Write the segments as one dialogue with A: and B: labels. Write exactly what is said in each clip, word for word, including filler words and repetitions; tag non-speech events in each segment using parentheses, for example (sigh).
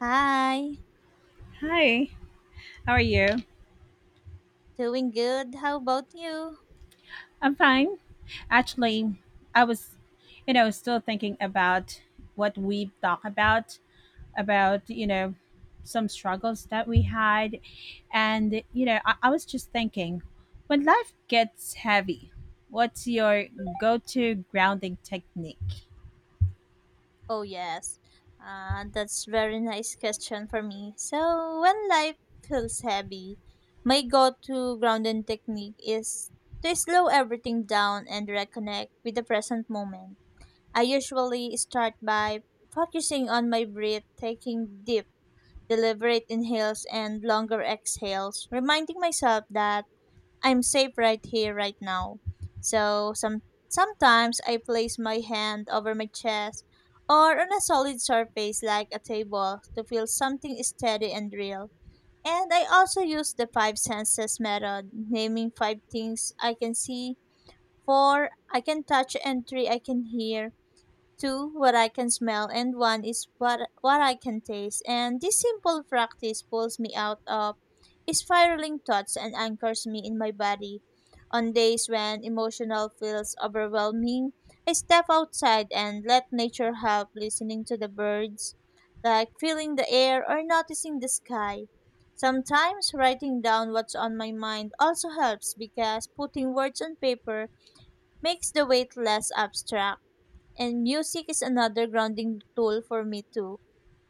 A: Hi,
B: Hi, how are you?
A: doing good. How about you?
B: I'm fine. Actually, I was, you know, still thinking about what we talked about, about, you know, some struggles that we had. And, you know, I, I was just thinking when life gets heavy, what's your go to grounding technique?
A: Oh, yes. Uh, that's very nice question for me. So, when life feels heavy, my go-to grounding technique is to slow everything down and reconnect with the present moment. I usually start by focusing on my breath, taking deep, deliberate inhales and longer exhales, reminding myself that I'm safe right here, right now. So some sometimes I place my hand over my chest or on a solid surface like a table to feel something steady and real. And I also use the five senses method, naming five things I can see, four I can touch, and three I can hear, two what I can smell, and one is what what I can taste. And this simple practice pulls me out of spiraling thoughts and anchors me in my body. On days when emotional feels overwhelming, I step outside and let nature help, listening to the birds, like feeling the air or noticing the sky. Sometimes writing down what's on my mind also helps because putting words on paper makes the weight less abstract, and music is another grounding tool for me too.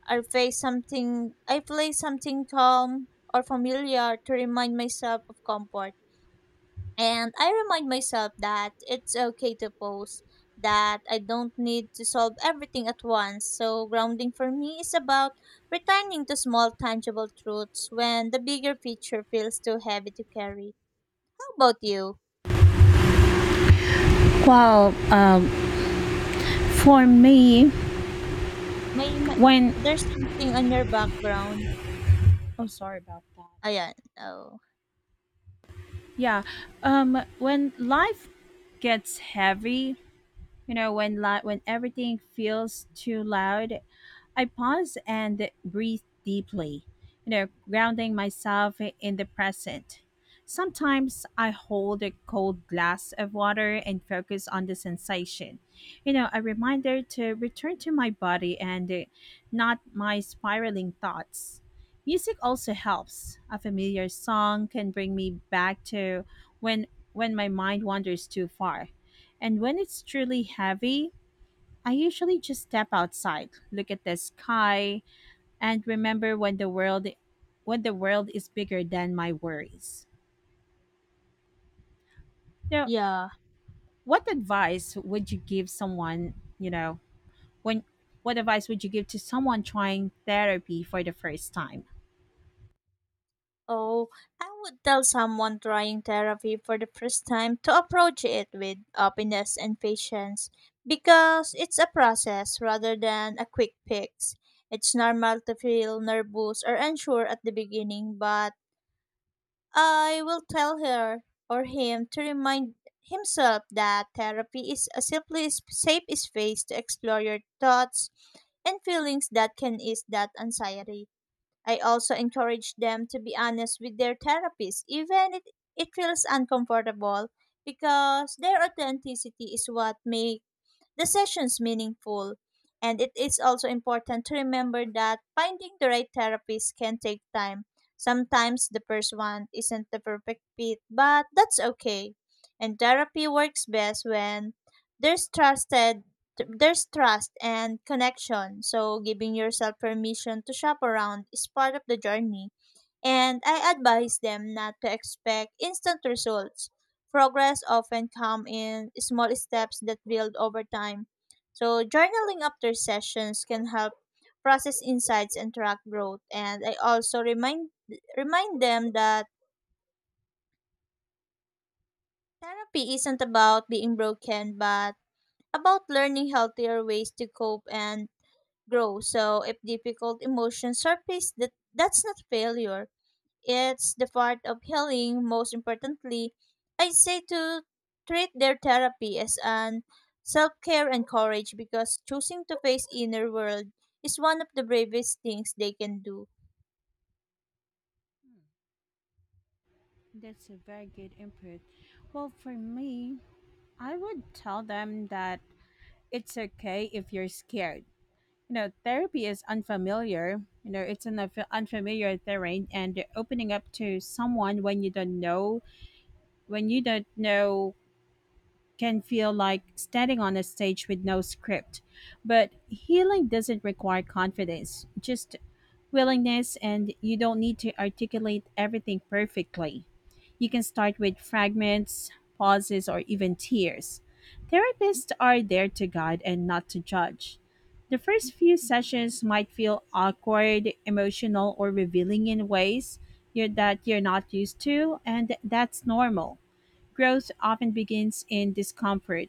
A: I play something I play something calm or familiar to remind myself of comfort. And I remind myself that it's okay to pause, that I don't need to solve everything at once. So grounding for me is about returning to small tangible truths when the bigger picture feels too heavy to carry. How about you?
B: Well, um, for me,
A: May, may
B: when
A: There's something on your background.
B: Oh, sorry about that.
A: Ayan. Oh.
B: Yeah. Um, when life gets heavy, You know, when li- when everything feels too loud, I pause and breathe deeply, you know, grounding myself in the present. Sometimes I hold a cold glass of water and focus on the sensation. You know, a reminder to return to my body and uh, not my spiraling thoughts. Music also helps. A familiar song can bring me back to when when my mind wanders too far. And when it's truly heavy, I usually just step outside, look at the sky, and remember when the world when the world is bigger than my worries. Now,
A: Yeah.
B: what advice would you give someone, you know, when what advice would you give to someone trying therapy for the first time?
A: Oh, I would tell someone trying therapy for the first time to approach it with openness and patience because it's a process rather than a quick fix. It's normal to feel nervous or unsure at the beginning, but I will tell her or him to remind himself that therapy is a simply s- safe space to explore your thoughts and feelings that can ease that anxiety. I also encourage them to be honest with their therapist, even if it feels uncomfortable, because their authenticity is what makes the sessions meaningful. And it is also important to remember that finding the right therapist can take time. Sometimes the first one isn't the perfect fit, but that's okay. And therapy works best when there's trusted there's trust and connection. So giving yourself permission to shop around is part of the journey, and I advise them not to expect instant results. Progress often comes in small steps that build over time. So journaling after sessions can help process insights and track growth. And I also remind remind them that therapy isn't about being broken, but about learning healthier ways to cope and grow. So if difficult emotions surface, that that's not failure. It's the part of healing. Most importantly, I say to treat their therapy as an self care and courage because choosing to face inner world is one of the bravest things they can do.
B: That's a very good input. Well, for me, I would tell them that it's okay if you're scared. You know, therapy is unfamiliar. You know, it's an unf- unfamiliar terrain, and opening up to someone when you don't know when you don't know can feel like standing on a stage with no script, but healing doesn't require confidence, just willingness, and you don't need to articulate everything perfectly. You can start with fragments, pauses, or even tears. Therapists are there to guide and not to judge. The first few sessions might feel awkward, emotional, or revealing in ways you're, that you're not used to, and that's normal. Growth often begins in discomfort.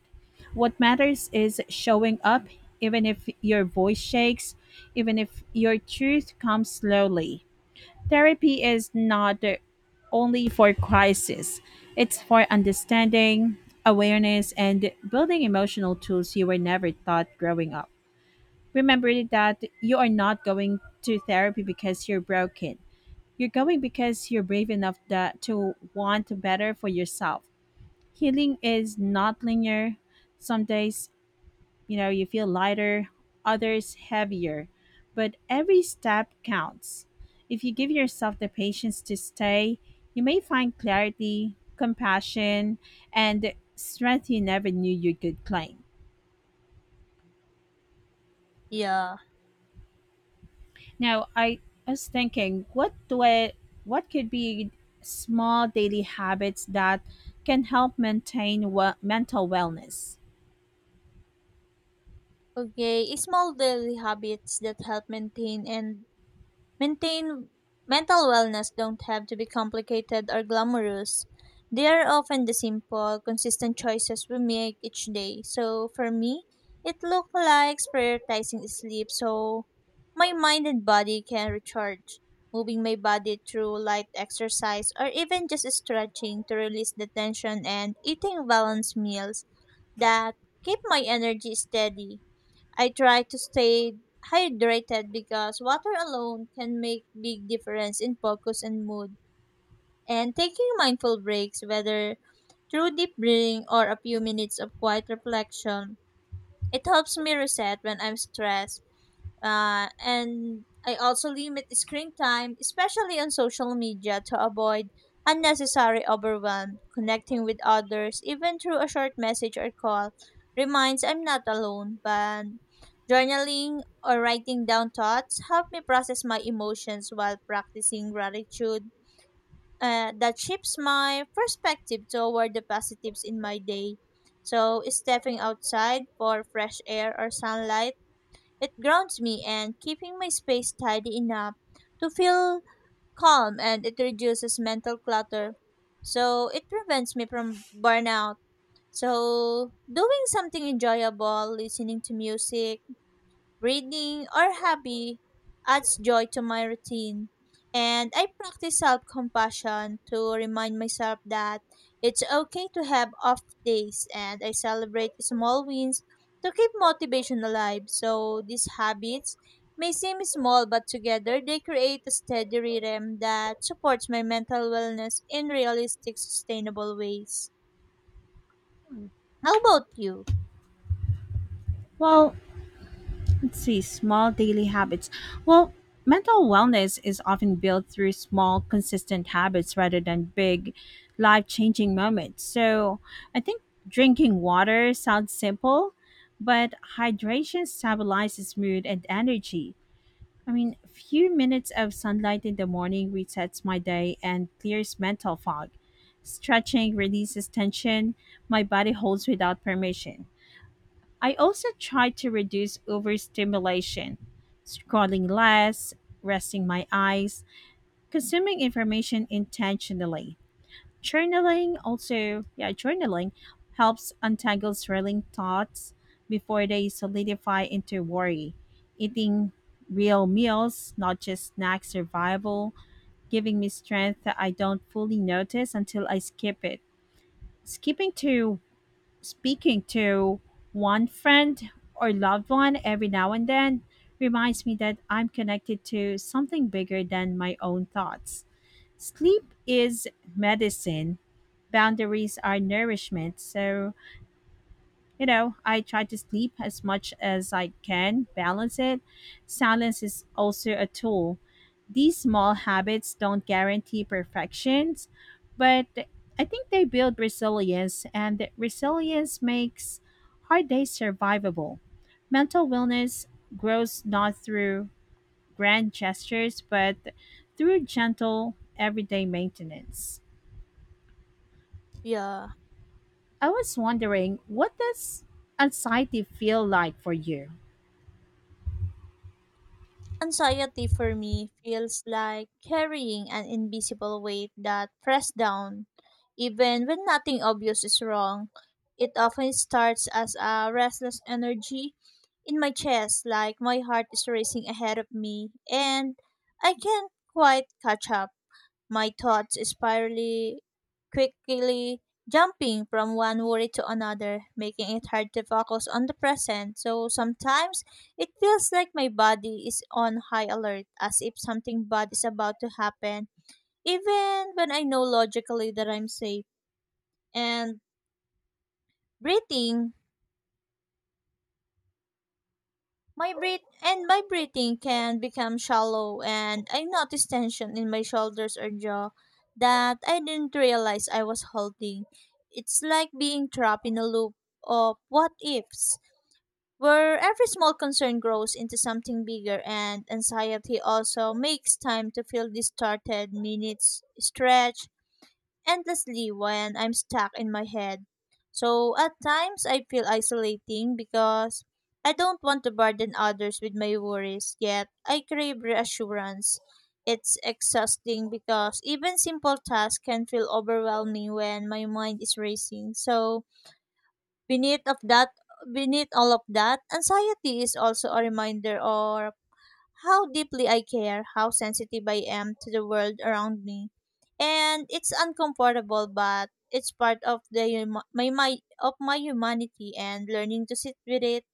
B: What matters is showing up, even if your voice shakes, even if your truth comes slowly. Therapy is not only for crisis, it's for understanding, awareness, and building emotional tools you were never taught growing up. Remember that you are not going to therapy because you're broken. You're going because you're brave enough that, to want better for yourself. Healing is not linear. Some days, you know, you feel lighter, others heavier, but every step counts. If you give yourself the patience to stay, you may find clarity, compassion, and strength you never knew you could claim.
A: Yeah.
B: Now, I was thinking, what do I, what could be small daily habits that can help maintain, well, mental wellness?
A: Okay, small daily habits that help maintain and maintain mental wellness don't have to be complicated or glamorous. They are often the simple, consistent choices we make each day. So for me, it looks like prioritizing sleep so my mind and body can recharge. Moving my body through light exercise or even just stretching to release the tension, and eating balanced meals that keep my energy steady. I try to stay hydrated because water alone can make big difference in focus and mood. And taking mindful breaks, whether through deep breathing or a few minutes of quiet reflection, it helps me reset when I'm stressed. Uh, and I also limit screen time, especially on social media, to avoid unnecessary overwhelm. Connecting with others, even through a short message or call, reminds I'm not alone. But journaling or writing down thoughts help me process my emotions while practicing gratitude. Uh, that shifts my perspective toward the positives in my day. So, stepping outside for fresh air or sunlight, it grounds me, and keeping my space tidy enough to feel calm, and it reduces mental clutter. So it prevents me from burnout. So doing something enjoyable, listening to music, reading, or hobby adds joy to my routine. And I practice self compassion to remind myself that it's okay to have off days, and I celebrate small wins to keep motivation alive. So these habits may seem small, but together they create a steady rhythm that supports my mental wellness in realistic, sustainable ways. How about you?
B: Well, see, small daily habits, well, mental wellness is often built through small consistent habits rather than big life changing moments. So I think drinking water sounds simple, but hydration stabilizes mood and energy. I mean, a few minutes of sunlight in the morning resets my day and clears mental fog. Stretching releases tension my body holds without permission. I also try to reduce overstimulation, scrolling less, resting my eyes, consuming information intentionally. Journaling also, yeah, journaling helps untangle swirling thoughts before they solidify into worry. Eating real meals, not just snack survival, giving me strength that I don't fully notice until I skip it. Skipping to Speaking to one friend or loved one every now and then reminds me that I'm connected to something bigger than my own thoughts. Sleep is medicine, boundaries are nourishment, so you know, I try to sleep as much as I can, balance it. Silence is also a tool. These small habits don't guarantee perfections, but I think they build resilience, and that resilience makes hard days survivable. Mental wellness grows not through grand gestures, but through gentle everyday maintenance.
A: Yeah.
B: I was wondering, what does anxiety feel like for you?
A: Anxiety for me feels like carrying an invisible weight that presses down. Even when nothing obvious is wrong, it often starts as a restless energy in my chest, like my heart is racing ahead of me and I can't quite catch up. My thoughts spirally quickly, jumping from one worry to another, making it hard to focus on the present. So sometimes it feels like my body is on high alert, as if something bad is about to happen, even when I know logically that I'm safe. And breathing my breath and my breathing can become shallow, and I notice tension in my shoulders or jaw that I didn't realize I was holding. It's like being trapped in a loop of what ifs, where every small concern grows into something bigger. And anxiety also makes time to feel distorted, minutes stretch endlessly when I'm stuck in my head. So at times I feel isolating because I don't want to burden others with my worries, yet I crave reassurance. It's exhausting because even simple tasks can feel overwhelming when my mind is racing. So beneath of that beneath all of that, anxiety is also a reminder or how deeply I care, how sensitive I am to the world around me. And it's uncomfortable, but it's part of the huma- my, my of my humanity, and learning to sit with it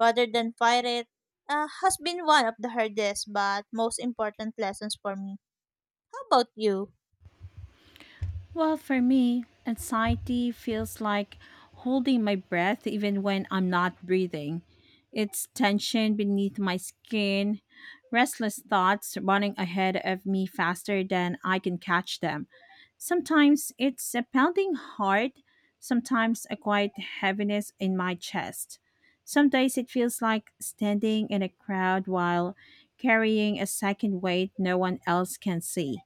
A: rather than fight it, uh, has been one of the hardest but most important lessons for me. How about you?
B: Well, for me, anxiety feels like holding my breath even when I'm not breathing. It's tension beneath my skin, restless thoughts running ahead of me faster than I can catch them. Sometimes it's a pounding heart, sometimes a quiet heaviness in my chest. Some days it feels like standing in a crowd while carrying a second weight no one else can see.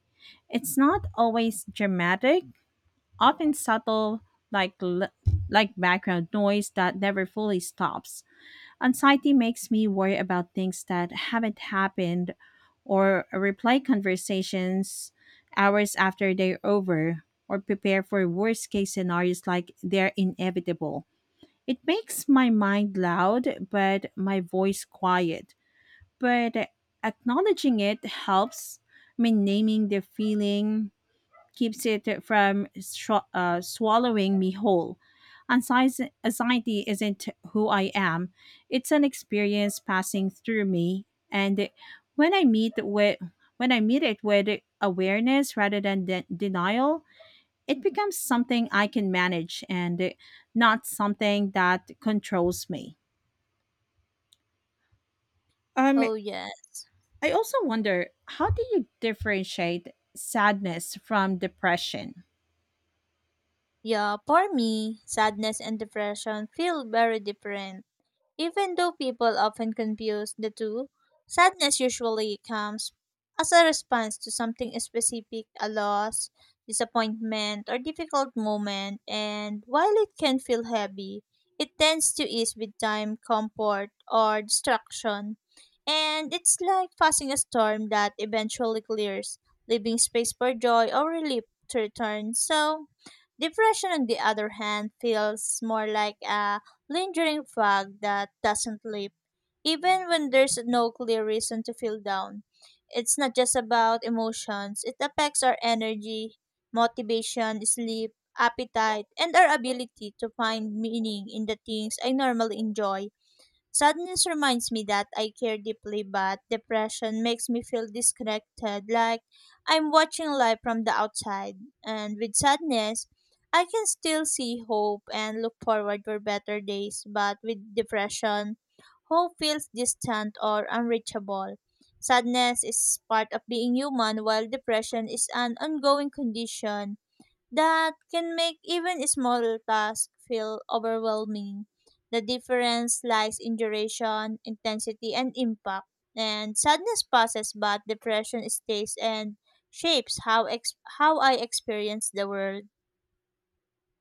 B: It's not always dramatic, often subtle, like l- like background noise that never fully stops. Anxiety makes me worry about things that haven't happened, or replay conversations hours after they're over, or prepare for worst case scenarios like they're inevitable. It makes my mind loud but my voice quiet. But acknowledging it helps. I mean, naming the feeling keeps it from sho- uh, swallowing me whole. Anxi- Anxiety isn't who I am, it's an experience passing through me. And when I meet with when I meet it with awareness rather than de- denial, it becomes something I can manage and not something that controls me. Um,
A: Oh, yes.
B: I also wonder, how do you differentiate sadness from depression?
A: Yeah, for me, sadness and depression feel very different. Even though people often confuse the two, sadness usually comes as a response to something specific, a loss, disappointment, or difficult moment, and while it can feel heavy, it tends to ease with time, comfort, or distraction. And it's like passing a storm that eventually clears, leaving space for joy or relief to return. So, depression, on the other hand, feels more like a lingering fog that doesn't leave, even when there's no clear reason to feel down. It's not just about emotions, it affects our energy, motivation, sleep, appetite, and our ability to find meaning in the things I normally enjoy. Sadness reminds me that I care deeply, but depression makes me feel disconnected, like I'm watching life from the outside. And with sadness, I can still see hope and look forward for better days, but with depression, hope feels distant or unreachable. Sadness is part of being human, while depression is an ongoing condition that can make even small tasks feel overwhelming. The difference lies in duration, intensity, and impact. And sadness passes, but depression stays and shapes how ex- how I experience the world.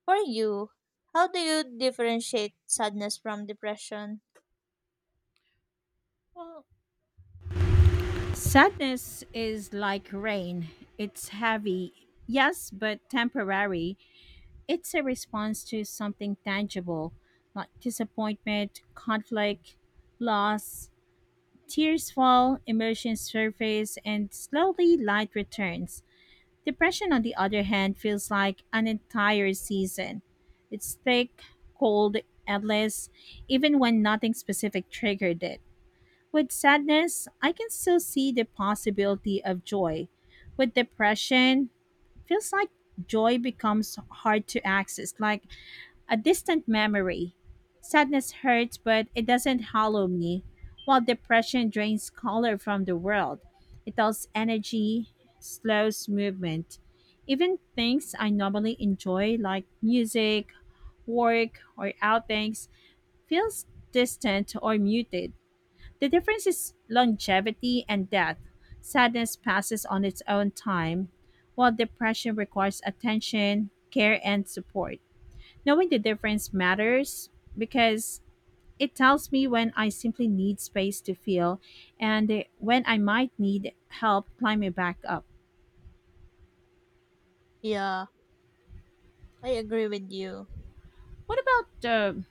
A: For you, how do you differentiate sadness from depression?
B: Well, sadness is like rain. It's heavy, yes, but temporary. It's a response to something tangible, like disappointment, conflict, loss. Tears fall, emotions surface, and slowly light returns. Depression, on the other hand, feels like an entire season. It's thick, cold, endless, even when nothing specific triggered it. With sadness, I can still see the possibility of joy. With depression, feels like joy becomes hard to access, like a distant memory. Sadness hurts, but it doesn't hollow me, while depression drains color from the world. It dulls energy, slows movement. Even things I normally enjoy, like music, work, or outings, feels distant or muted. The difference is longevity and depth. Sadness passes on its own time, while depression requires attention, care, and support. Knowing the difference matters because it tells me when I simply need space to feel and when I might need help climbing back up.
A: Yeah, I agree with you.
B: What about the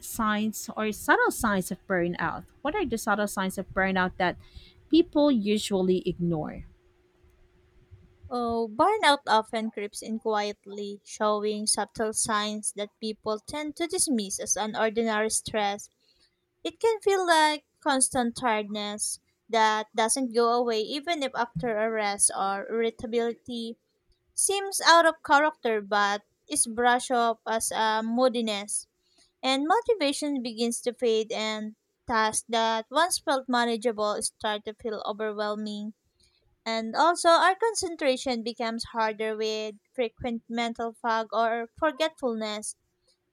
B: signs or subtle signs of burnout? What are the subtle signs of burnout that people usually ignore?
A: Oh, burnout often creeps in quietly, showing subtle signs that people tend to dismiss as an ordinary stress. It can feel like constant tiredness that doesn't go away even if after a rest, or irritability seems out of character but is brushed off as a moodiness. And motivation begins to fade, and tasks that once felt manageable start to feel overwhelming. And also our concentration becomes harder with frequent mental fog or forgetfulness,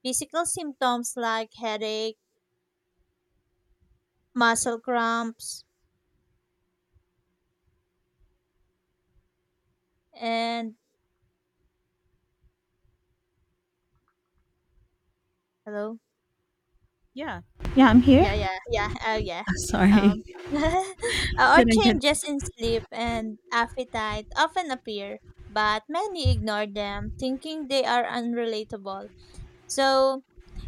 A: physical symptoms like headache, muscle cramps, and hello?
B: Yeah. Yeah, I'm here.
A: Yeah, yeah, yeah. Oh, yeah.
B: (laughs) Sorry.
A: um (laughs) uh, or
B: Did I get
A: changes in sleep and appetite often appear, but many ignore them thinking they are unrelatable. So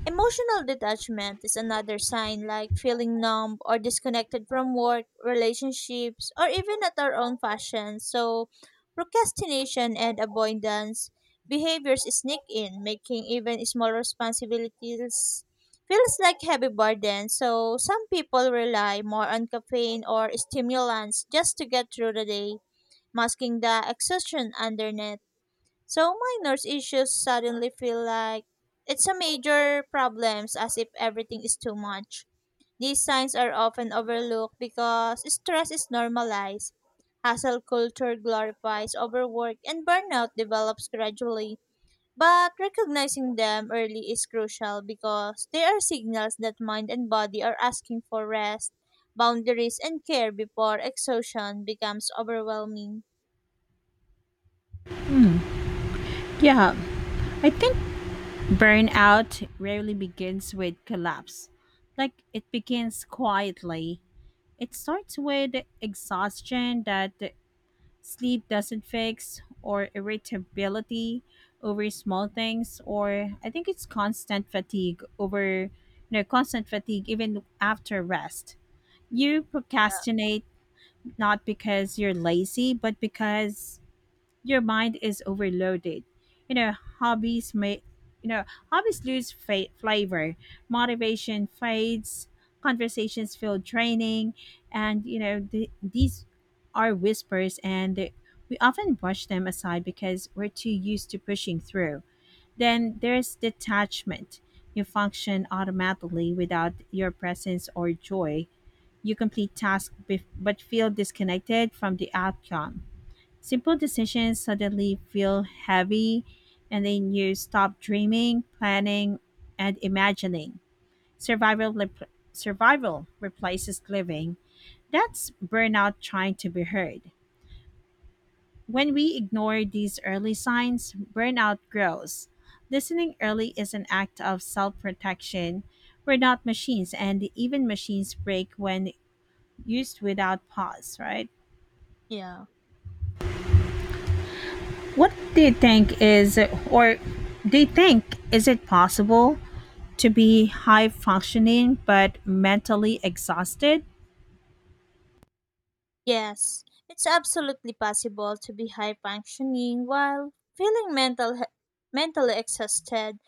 A: emotional detachment is another sign, like feeling numb or disconnected from work relationships or even at our own fashion. So procrastination and avoidance behaviors sneak in, making even small responsibilities feels like heavy burden. So some people rely more on caffeine or stimulants just to get through the day, masking the exhaustion underneath. So minor issues suddenly feel like it's a major problems, as if everything is too much. These signs are often overlooked because stress is normalized. Hustle culture glorifies overwork, and burnout develops gradually. But recognizing them early is crucial because they are signals that mind and body are asking for rest, boundaries, and care before exhaustion becomes overwhelming.
B: Yeah, I think burnout rarely begins with collapse. Like, it begins quietly. It starts with exhaustion that sleep doesn't fix, or irritability over small things, or I think it's constant fatigue over, you know, constant fatigue even after rest. You
A: Yeah.
B: procrastinate not because you're lazy, but because your mind is overloaded. You know, hobbies may, you know, hobbies lose fa- flavor, motivation fades, conversations feel draining, and you know, the, these are whispers, and they- we often brush them aside because we're too used to pushing through. Then there's detachment. You function automatically without your presence or joy. You complete tasks bef- but feel disconnected from the outcome. Simple decisions suddenly feel heavy, and then you stop dreaming, planning, and imagining. Survival, rep- survival replaces living. That's burnout trying to be heard. When we ignore these early signs, burnout grows. Listening early is an act of self protection. We're not machines, and even machines break when used without pause, right?
A: Yeah.
B: What do you think is, or do you think, is it possible to be high functioning but mentally exhausted?
A: Yes, it's absolutely possible to be high functioning while feeling mental he- mentally exhausted.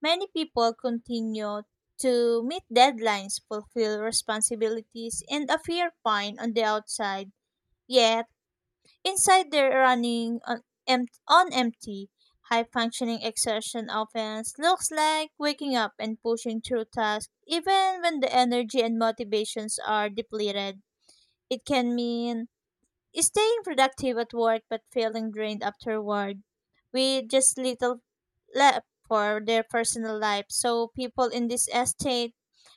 A: Many people continue to meet deadlines, fulfill responsibilities, and appear fine on the outside. Yet, inside, they're running on, empt- on empty. High functioning exertion offense looks like waking up and pushing through tasks even when the energy and motivations are depleted. It can mean staying productive at work but feeling drained afterward with just little left for their personal life. So people in this estate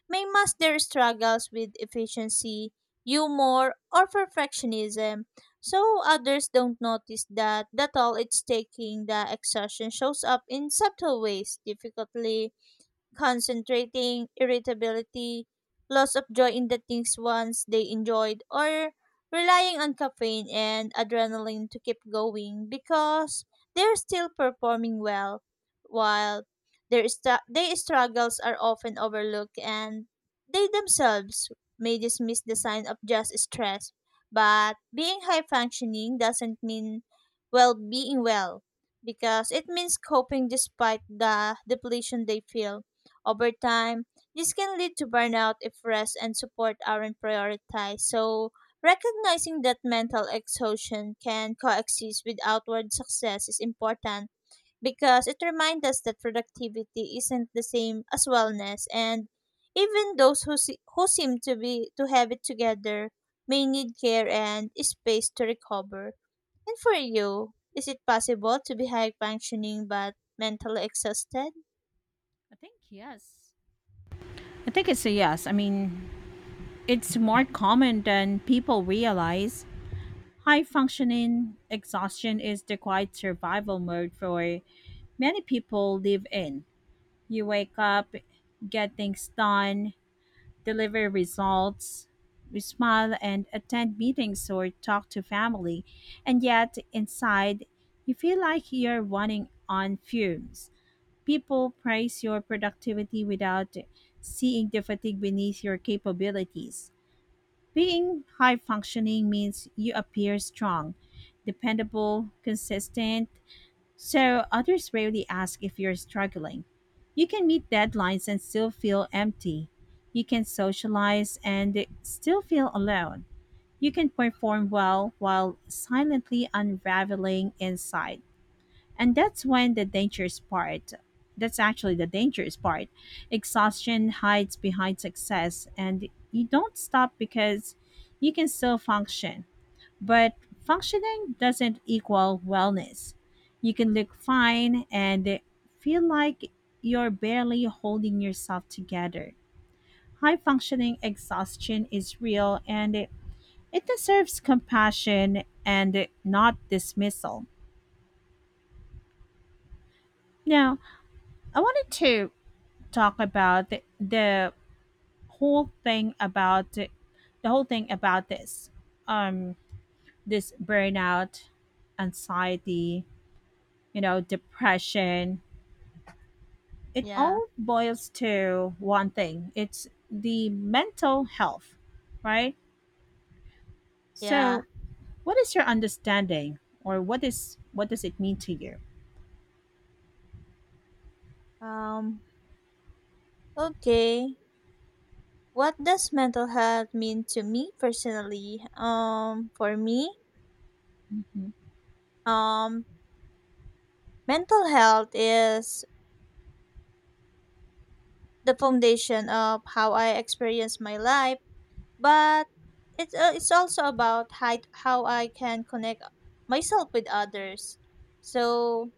A: may mask their struggles with efficiency, humor, or perfectionism, so others don't notice that that all it's taking. The exhaustion shows up in subtle ways, difficultly concentrating, irritability, loss of joy in the things once they enjoyed, or relying on caffeine and adrenaline to keep going because they're still performing well while their, st- their struggles are often overlooked, and they themselves may dismiss the sign of just stress. But being high functioning doesn't mean well being well, because it means coping despite the depletion they feel. Over time, this can lead to burnout if rest and support aren't prioritized. So, recognizing that mental exhaustion can coexist with outward success is important, because it reminds us that productivity isn't the same as wellness, and even those who, se- who seem to be to have it together may need care and space to recover. And for you, is it possible to be high functioning but mentally exhausted?
B: I think yes. I think it's a yes. I mean, it's more common than people realize. High functioning exhaustion is the quiet survival mode for many people live in. You wake up, get things done, deliver results, smile and attend meetings or talk to family, and yet inside you feel like you're running on fumes. People praise your productivity without seeing the fatigue beneath your capabilities. Being high functioning means you appear strong, dependable, consistent, so others rarely ask if you're struggling. You can meet deadlines and still feel empty. You can socialize and still feel alone. You can perform well while silently unraveling inside. And that's when the dangerous part. That's actually the dangerous part. Exhaustion hides behind success, and you don't stop because you can still function. But functioning doesn't equal wellness. You can look fine and feel like you're barely holding yourself together. High functioning exhaustion is real, and it, it deserves compassion and not dismissal. Now, I wanted to talk about the, the whole thing about the whole thing about this um this burnout, anxiety, you know, depression. It
A: Yeah,
B: all boils to one thing, it's the mental health, right?
A: yeah.
B: So, what is your understanding, or what is what does it mean to you?
A: Um, okay. What does mental health mean to me personally? Um, for me, um, mental health is the foundation of how I experience my life, but it's, uh, it's also about hi- how I can connect myself with others. So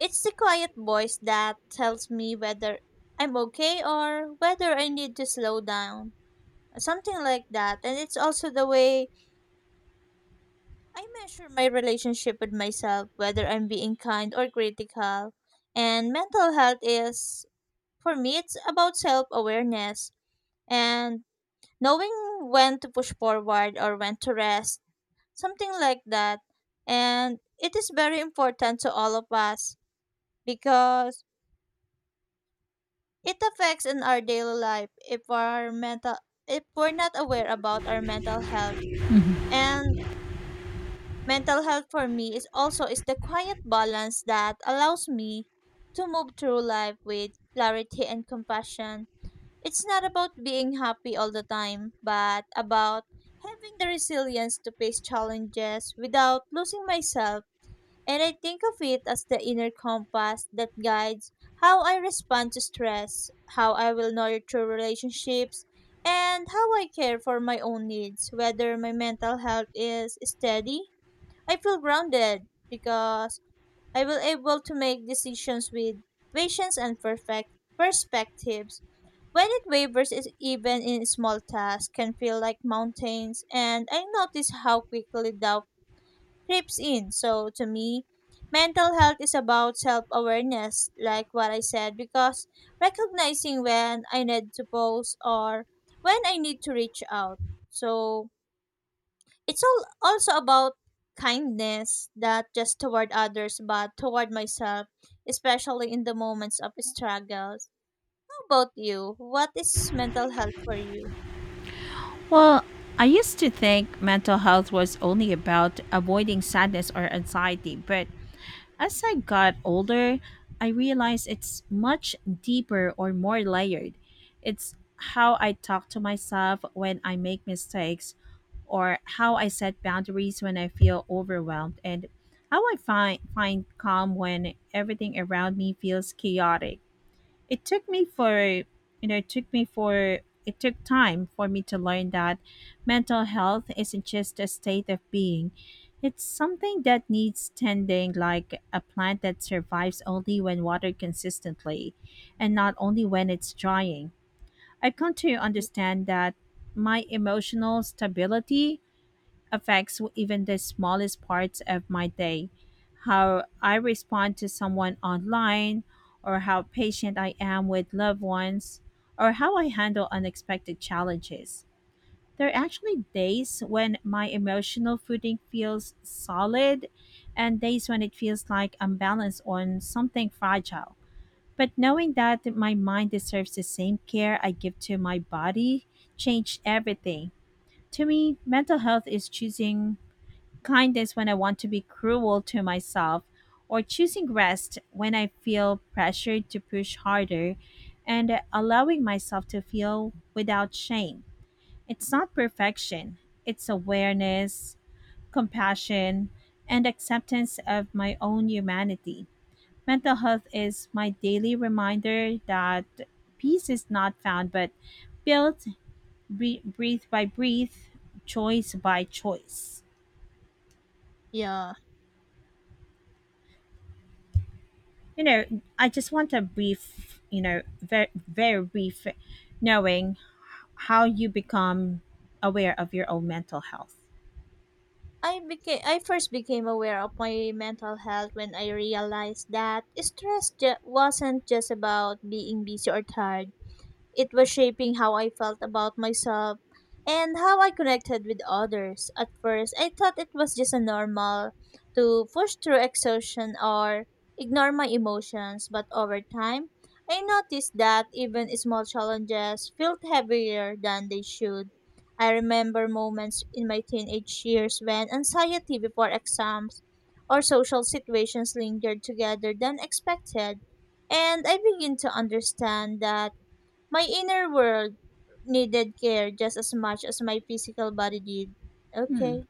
A: it's the quiet voice that tells me whether I'm okay or whether I need to slow down, something like that. And it's also the way I measure my relationship with myself, whether I'm being kind or critical. And mental health is, for me, it's about self awareness and knowing when to push forward or when to rest, something like that. And it is very important to all of us, because it affects in our daily life if our mental, if we're not aware about our mental health.
B: Mhm.
A: And mental health for me is also is the quiet balance that allows me to move through life with clarity and compassion. It's not about being happy all the time, but about having the resilience to face challenges without losing myself. And I think of it as the inner compass that guides how I respond to stress, how I will nurture relationships, and how I care for my own needs. Whether my mental health is steady, I feel grounded, because I will able to make decisions with patience and perfect perspectives. When it wavers, is even in small tasks, can feel like mountains, and I notice how quickly doubt creeps in. So to me, mental health is about self-awareness, like what I said, because recognizing when I need to pause or when I need to reach out. So it's all also about kindness, not just toward others, but toward myself, especially in the moments of struggles. How about you? What is mental health for you?
B: Well, I used to think mental health was only about avoiding sadness or anxiety, but as I got older, I realized it's much deeper or more layered. It's how I talk to myself when I make mistakes, or how I set boundaries when I feel overwhelmed, and how I find, find calm when everything around me feels chaotic. It took me for you know it took me for It took time for me to learn that mental health isn't just a state of being, it's something that needs tending, like a plant that survives only when watered consistently and not only when it's drying. I've come to understand that my emotional stability affects even the smallest parts of my day. How I respond to someone online, or how patient I am with loved ones, or how I handle unexpected challenges. There are actually days when my emotional footing feels solid and days when it feels like I'm balanced on something fragile. But knowing that my mind deserves the same care I give to my body changed everything. To me, mental health is choosing kindness when I want to be cruel to myself, or choosing rest when I feel pressured to push harder, and allowing myself to feel without shame. It's not perfection, it's awareness, compassion, and acceptance of my own humanity. Mental health is my daily reminder that peace is not found but built, bre- breath by breath, choice by choice.
A: Yeah.
B: You know, I just want a brief, you know, very, very brief knowing how you become aware of your own mental health.
A: I became I first became aware of my mental health when I realized that stress ju- wasn't just about being busy or tired. It was shaping how I felt about myself and how I connected with others. At first, I thought it was just a normal to push through exhaustion or ignore my emotions, but over time, I noticed that even small challenges felt heavier than they should. I remember moments in my teenage years when anxiety before exams or social situations lingered together than expected, and I begin to understand that my inner world needed care just as much as my physical body did. Okay.